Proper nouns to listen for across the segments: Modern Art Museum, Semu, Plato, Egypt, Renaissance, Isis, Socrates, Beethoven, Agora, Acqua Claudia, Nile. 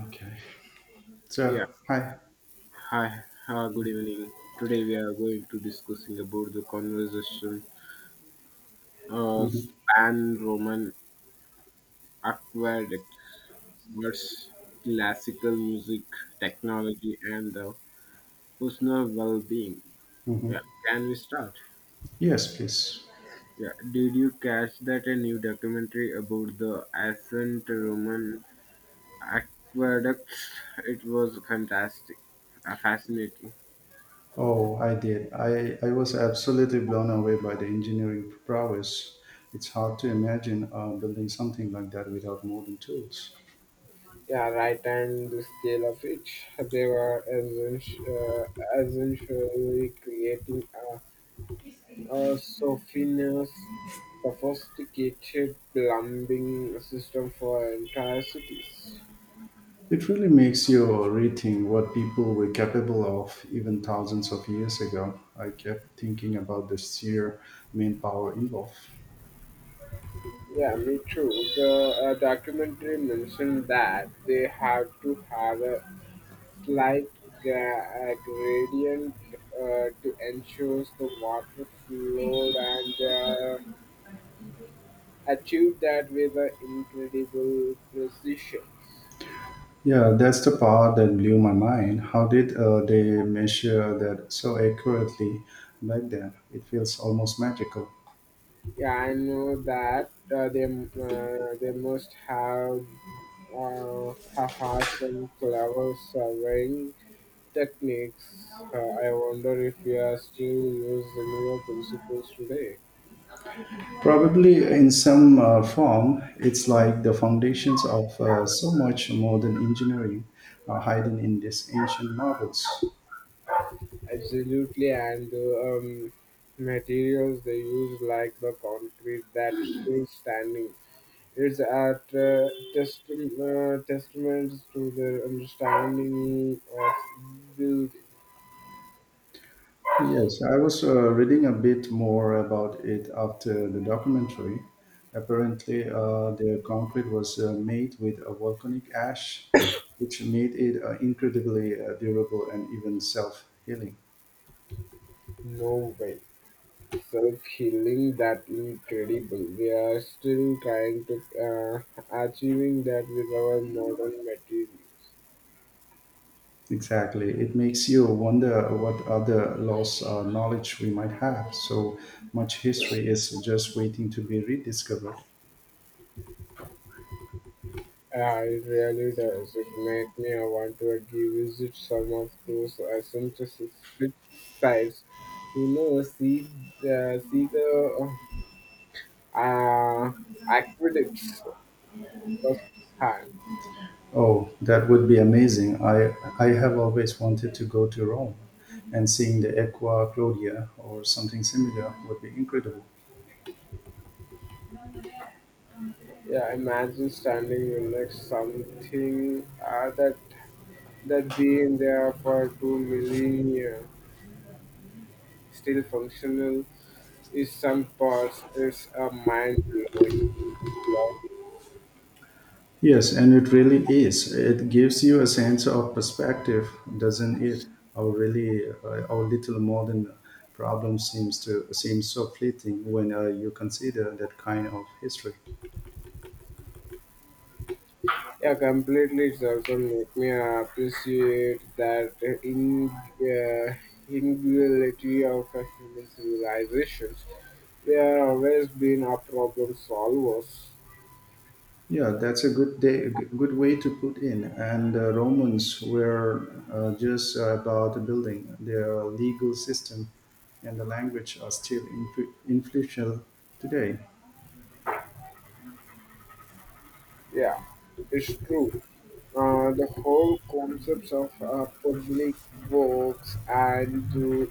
Okay. Yeah. So hi. Hi. Good evening. Today we are going to discussing about the conversation hmm span Roman aqueduct versus classical music, technology, and the personal well-being. hmm. Yeah. Can we start? Yes, please. Yeah. Did you catch that a new documentary about the ancient Roman aqueducts? It was fascinating. Oh, I did. I was absolutely blown away by the engineering prowess. It's hard to imagine building something like that without modern tools. Yeah, right, and the scale of it, they were essentially creating a sophisticated plumbing system for entire cities. It really makes you rethink what people were capable of even thousands of years ago. I kept thinking about the sheer manpower involved. Yeah, me too. The documentary mentioned that they have to have a slight gradient to ensure the water flowed and achieved that with incredible precision. Yeah, that's the part that blew my mind. How did they measure that so accurately back then? It feels almost magical. Yeah, I know that they must have had some clever surveying techniques. I wonder if we are still use similar principles today. Probably in some form, it's like the foundations of so much modern engineering are hidden in these ancient marbles. Absolutely, and the materials they use, like the concrete that's still standing. It's at testaments to their understanding of beauty. Yes, I was reading a bit more about it after the documentary. Apparently, their concrete was made with a volcanic ash, which made it incredibly durable and even self healing. No way. So killing that incredible. We are still trying to achieving that with our modern materials. Exactly. It makes you wonder what other lost knowledge we might have. So much history is just waiting to be rediscovered. It really does. It makes me want to revisit some of those essential sites. You know, see the uh, aqueducts first hand. Oh, that would be amazing. I have always wanted to go to Rome, and seeing the Acqua Claudia or something similar would be incredible. Yeah, imagine standing next something that been there for 2 million years, still functional. Is some parts is a mind blowing. Yeah, Yes, and it really is. It gives you a sense of perspective, doesn't it? Our really, our little modern problem seems to seem so fleeting when you consider that kind of history. yeah, completely. It also make me appreciate that in individuality of a human civilizations. They are always been our problem solvers. Yeah, that's a good day, good way to put in. And the Romans were just about building their legal system, and the language are still influential today. Yeah, it's true. The whole concepts of public works and do,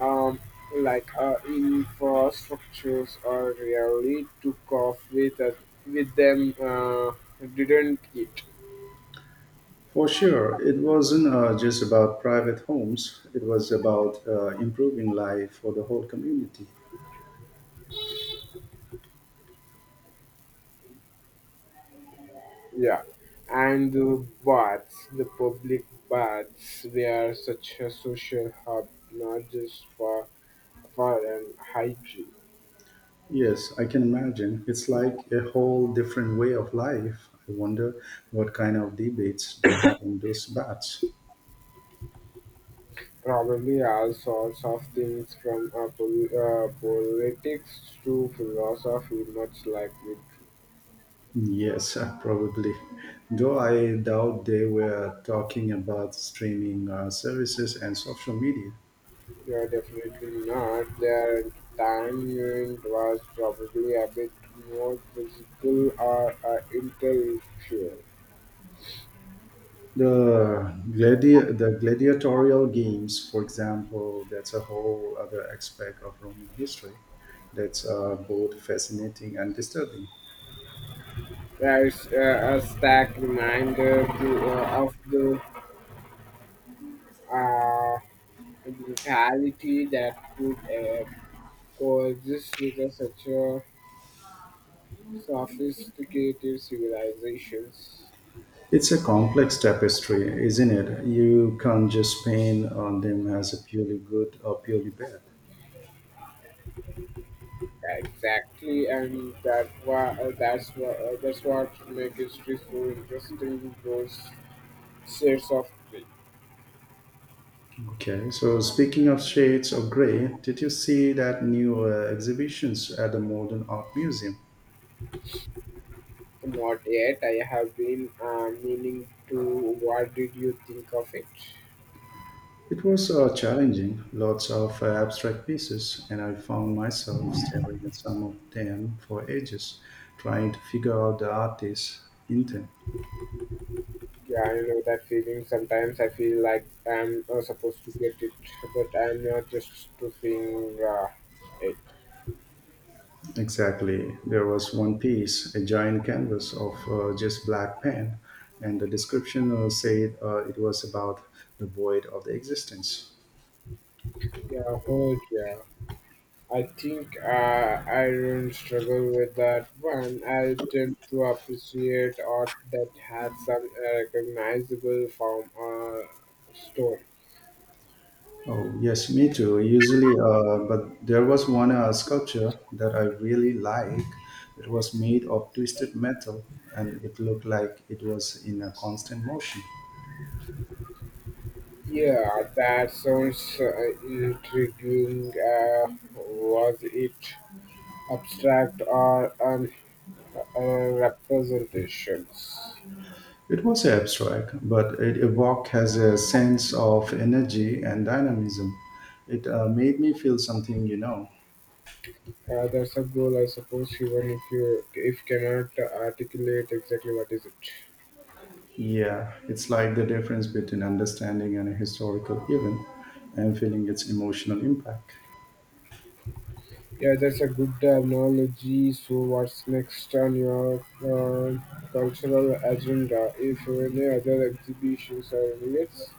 um, like infrastructures are really took off with us, with them didn't it. For sure, it wasn't just about private homes; it was about improving life for the whole community. Yeah, and the baths, the public baths were such a social hub, not just for an hygiene. Yes, I can imagine. It's like a whole different way of life. I wonder what kind of debates they had in those baths. Probably all sorts of things from politics to philosophy, much like with. Yes, probably. Though I doubt they were talking about streaming services and social media. Yeah, definitely not. Their time unit was probably a bit more physical or intellectual. The gladiatorial games, for example, that's a whole other aspect of Roman history that's both fascinating and disturbing. There's a stark reminder to, of the uh, brutality that could coexist with a, such a sophisticated civilizations. It's a complex tapestry, isn't it? You can't just paint on them as a purely good or purely bad. Exactly, and that why that's why that's what make history so interesting. Those shades of gray. Okay, so speaking of shades of grey, did you see that new exhibitions at the Modern Art Museum? Not yet. I have been meaning to. What did you think of it? It was challenging, lots of abstract pieces, and I found myself staring at some of them for ages, trying to figure out the artist's intent. Yeah, I know that feeling. Sometimes I feel like I'm supposed to get it, but I'm not just to seeing it. Exactly, there was one piece, a giant canvas of just black pen, and the description said it was about the void of the existence. Yeah, hold. Yeah. I think I don't struggle with that one. I tend to appreciate art that has some recognizable form or story. Oh, yes, me too. Usually, but there was one sculpture that I really like. It was made of twisted metal and it looked like it was in a constant motion. Yeah, that sounds intriguing. Was it abstract or uh, representations? It was abstract, but it evoked has a sense of energy and dynamism. It made me feel something, you know. That's a goal, I suppose. Even if you if cannot articulate exactly what is it. Yeah, it's like the difference between understanding an historical event and feeling its emotional impact. Yeah, that's a good analogy. So, what's next on your cultural agenda? If any other exhibitions or events?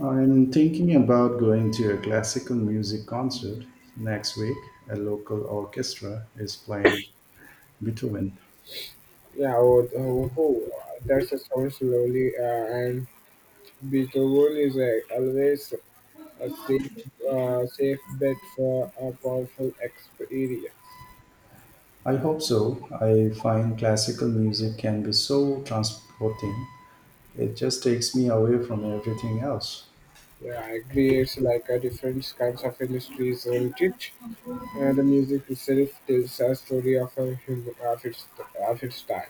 I'm thinking about going to a classical music concert next week. A local orchestra is playing Beethoven. Yeah, oh, that's a sounds lovely. And Beethoven is always a safe bet for a powerful experience. I hope so. I find classical music can be so transporting. It just takes me away from everything else. Yeah, it creates like a different kinds of industries, isn't it? The music itself tells a story of a human, of its time.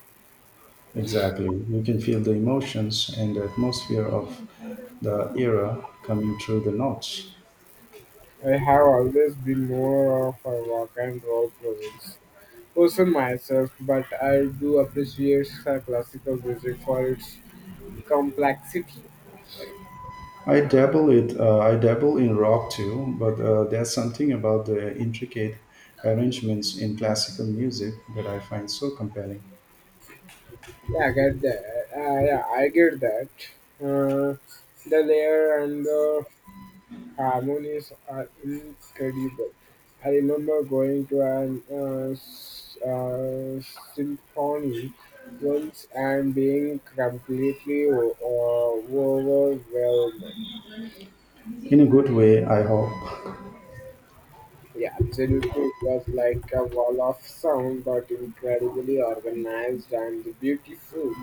Exactly. You can feel the emotions and the atmosphere of the era coming through the notes. I have always been more of a rock and roll presence person myself, but I do appreciate classical music for its complexity. I dabble it. I dabble in rock too, but there's something about the intricate arrangements in classical music that I find so compelling. Yeah, I get that. Uh, the layer and the harmonies are incredible. I remember going to an symphony once and being completely overwhelmed. In a good way, I hope. Yeah, absolutely. It was like a wall of sound, but incredibly organized and beautiful.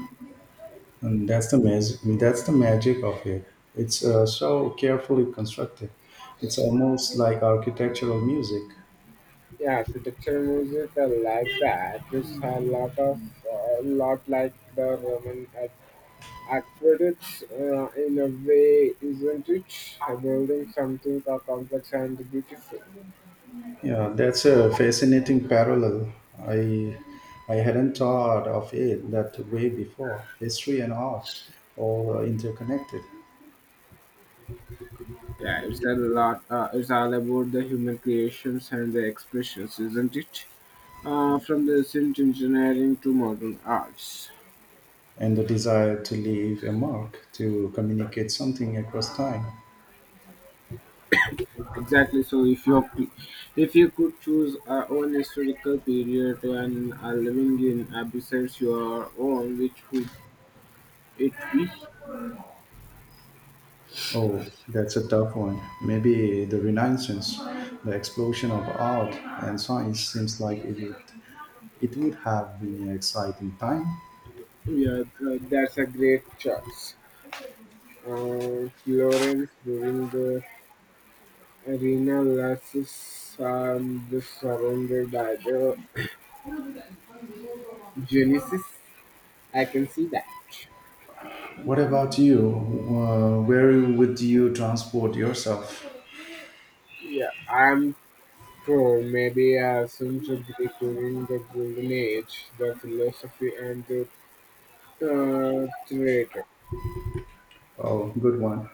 And that's the magic. That's the magic of it. It's so carefully constructed. It's almost like architectural music. Yeah, architecture music, I like that. It's a lot like the Roman aqueducts in a way, isn't it? Building something complex and beautiful. Yeah, that's a fascinating parallel. I hadn't thought of it that way before. History and art, all interconnected. Yeah, it's a lot. It's all about the human creations and the expressions, isn't it? From the ancient engineering to modern arts. And the desire to leave a mark, to communicate something across time. Exactly. So, if you could choose one historical period and are living in besides your own, which would it be? Oh, that's a tough one. Maybe the Renaissance, the explosion of art and science seems like it would have been an exciting time. Yeah, that's a great choice. Florence during the arena lasses just surrounded by the Genesis. I can see that. What about you? Where would you transport yourself? Yeah, I'm sure maybe since Greek during the Golden Age, the philosophy and the traitor. Oh, good one.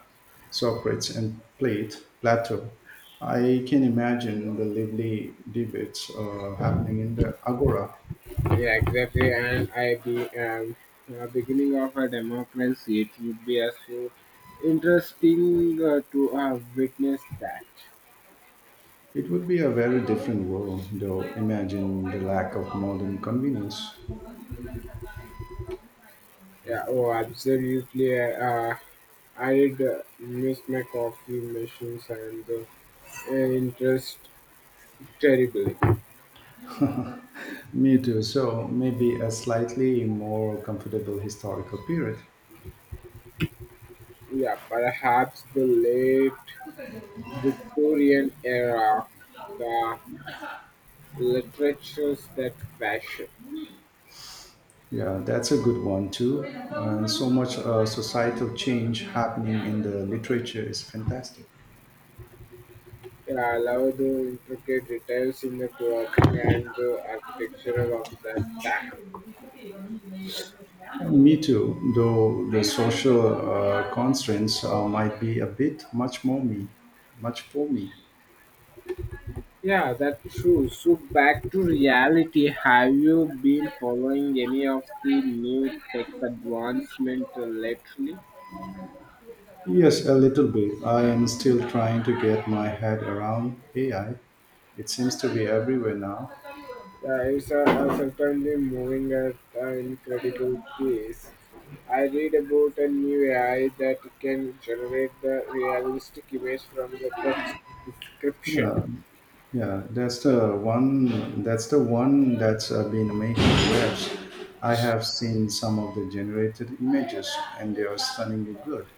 Socrates and Plato. I can imagine the lively debates happening in the Agora. Yeah, exactly. And I be beginning of a democracy. It would be as so interesting to witness that. It would be a very different world, though. Imagine the lack of modern convenience. Yeah. Oh, absolutely. I'd miss my coffee machines and the interest terribly. Me too. So maybe a slightly more comfortable historical period. Yeah, perhaps the late Victorian era, the literatures that fashion. Yeah, that's a good one too. And so much societal change happening in the literature is fantastic. Yeah, love the intricate details in the clothing and the architecture of that time. Me too, though the social constraints might be a bit much for me. Yeah, that's true. So back to reality, have you been following any of the new tech advancement lately? Yes, a little bit. I am still trying to get my head around AI. It seems to be everywhere now. Yeah, it's certainly moving at an incredible pace. I read about a new AI that can generate the realistic image from the text description. Yeah, Yeah, that's the one. That's the one that's been making waves. I have seen some of the generated images, and they are stunningly good.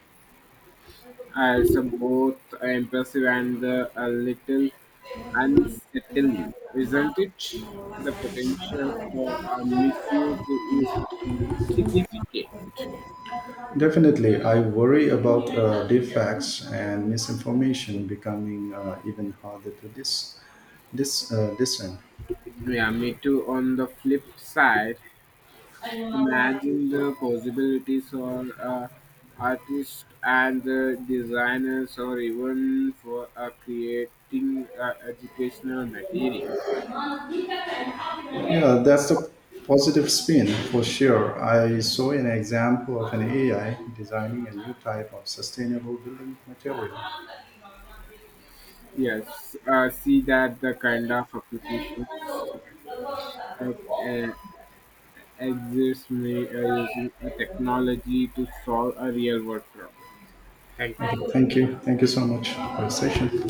It's a both impressive and a little unsettling, isn't it? The potential for misuse is significant. Definitely, I worry about defects and misinformation becoming even harder to discern. Yeah, me too. On the flip side, imagine the possibilities for artists and designers, or even for creating educational material. Yeah, that's a positive spin for sure. I saw an example of an AI designing a new type of sustainable building material. Yes, see that the kind of applications that uh, Exists may are using a technology to solve a real world problem. Thank you. Okay, thank you. Thank you so much for the session.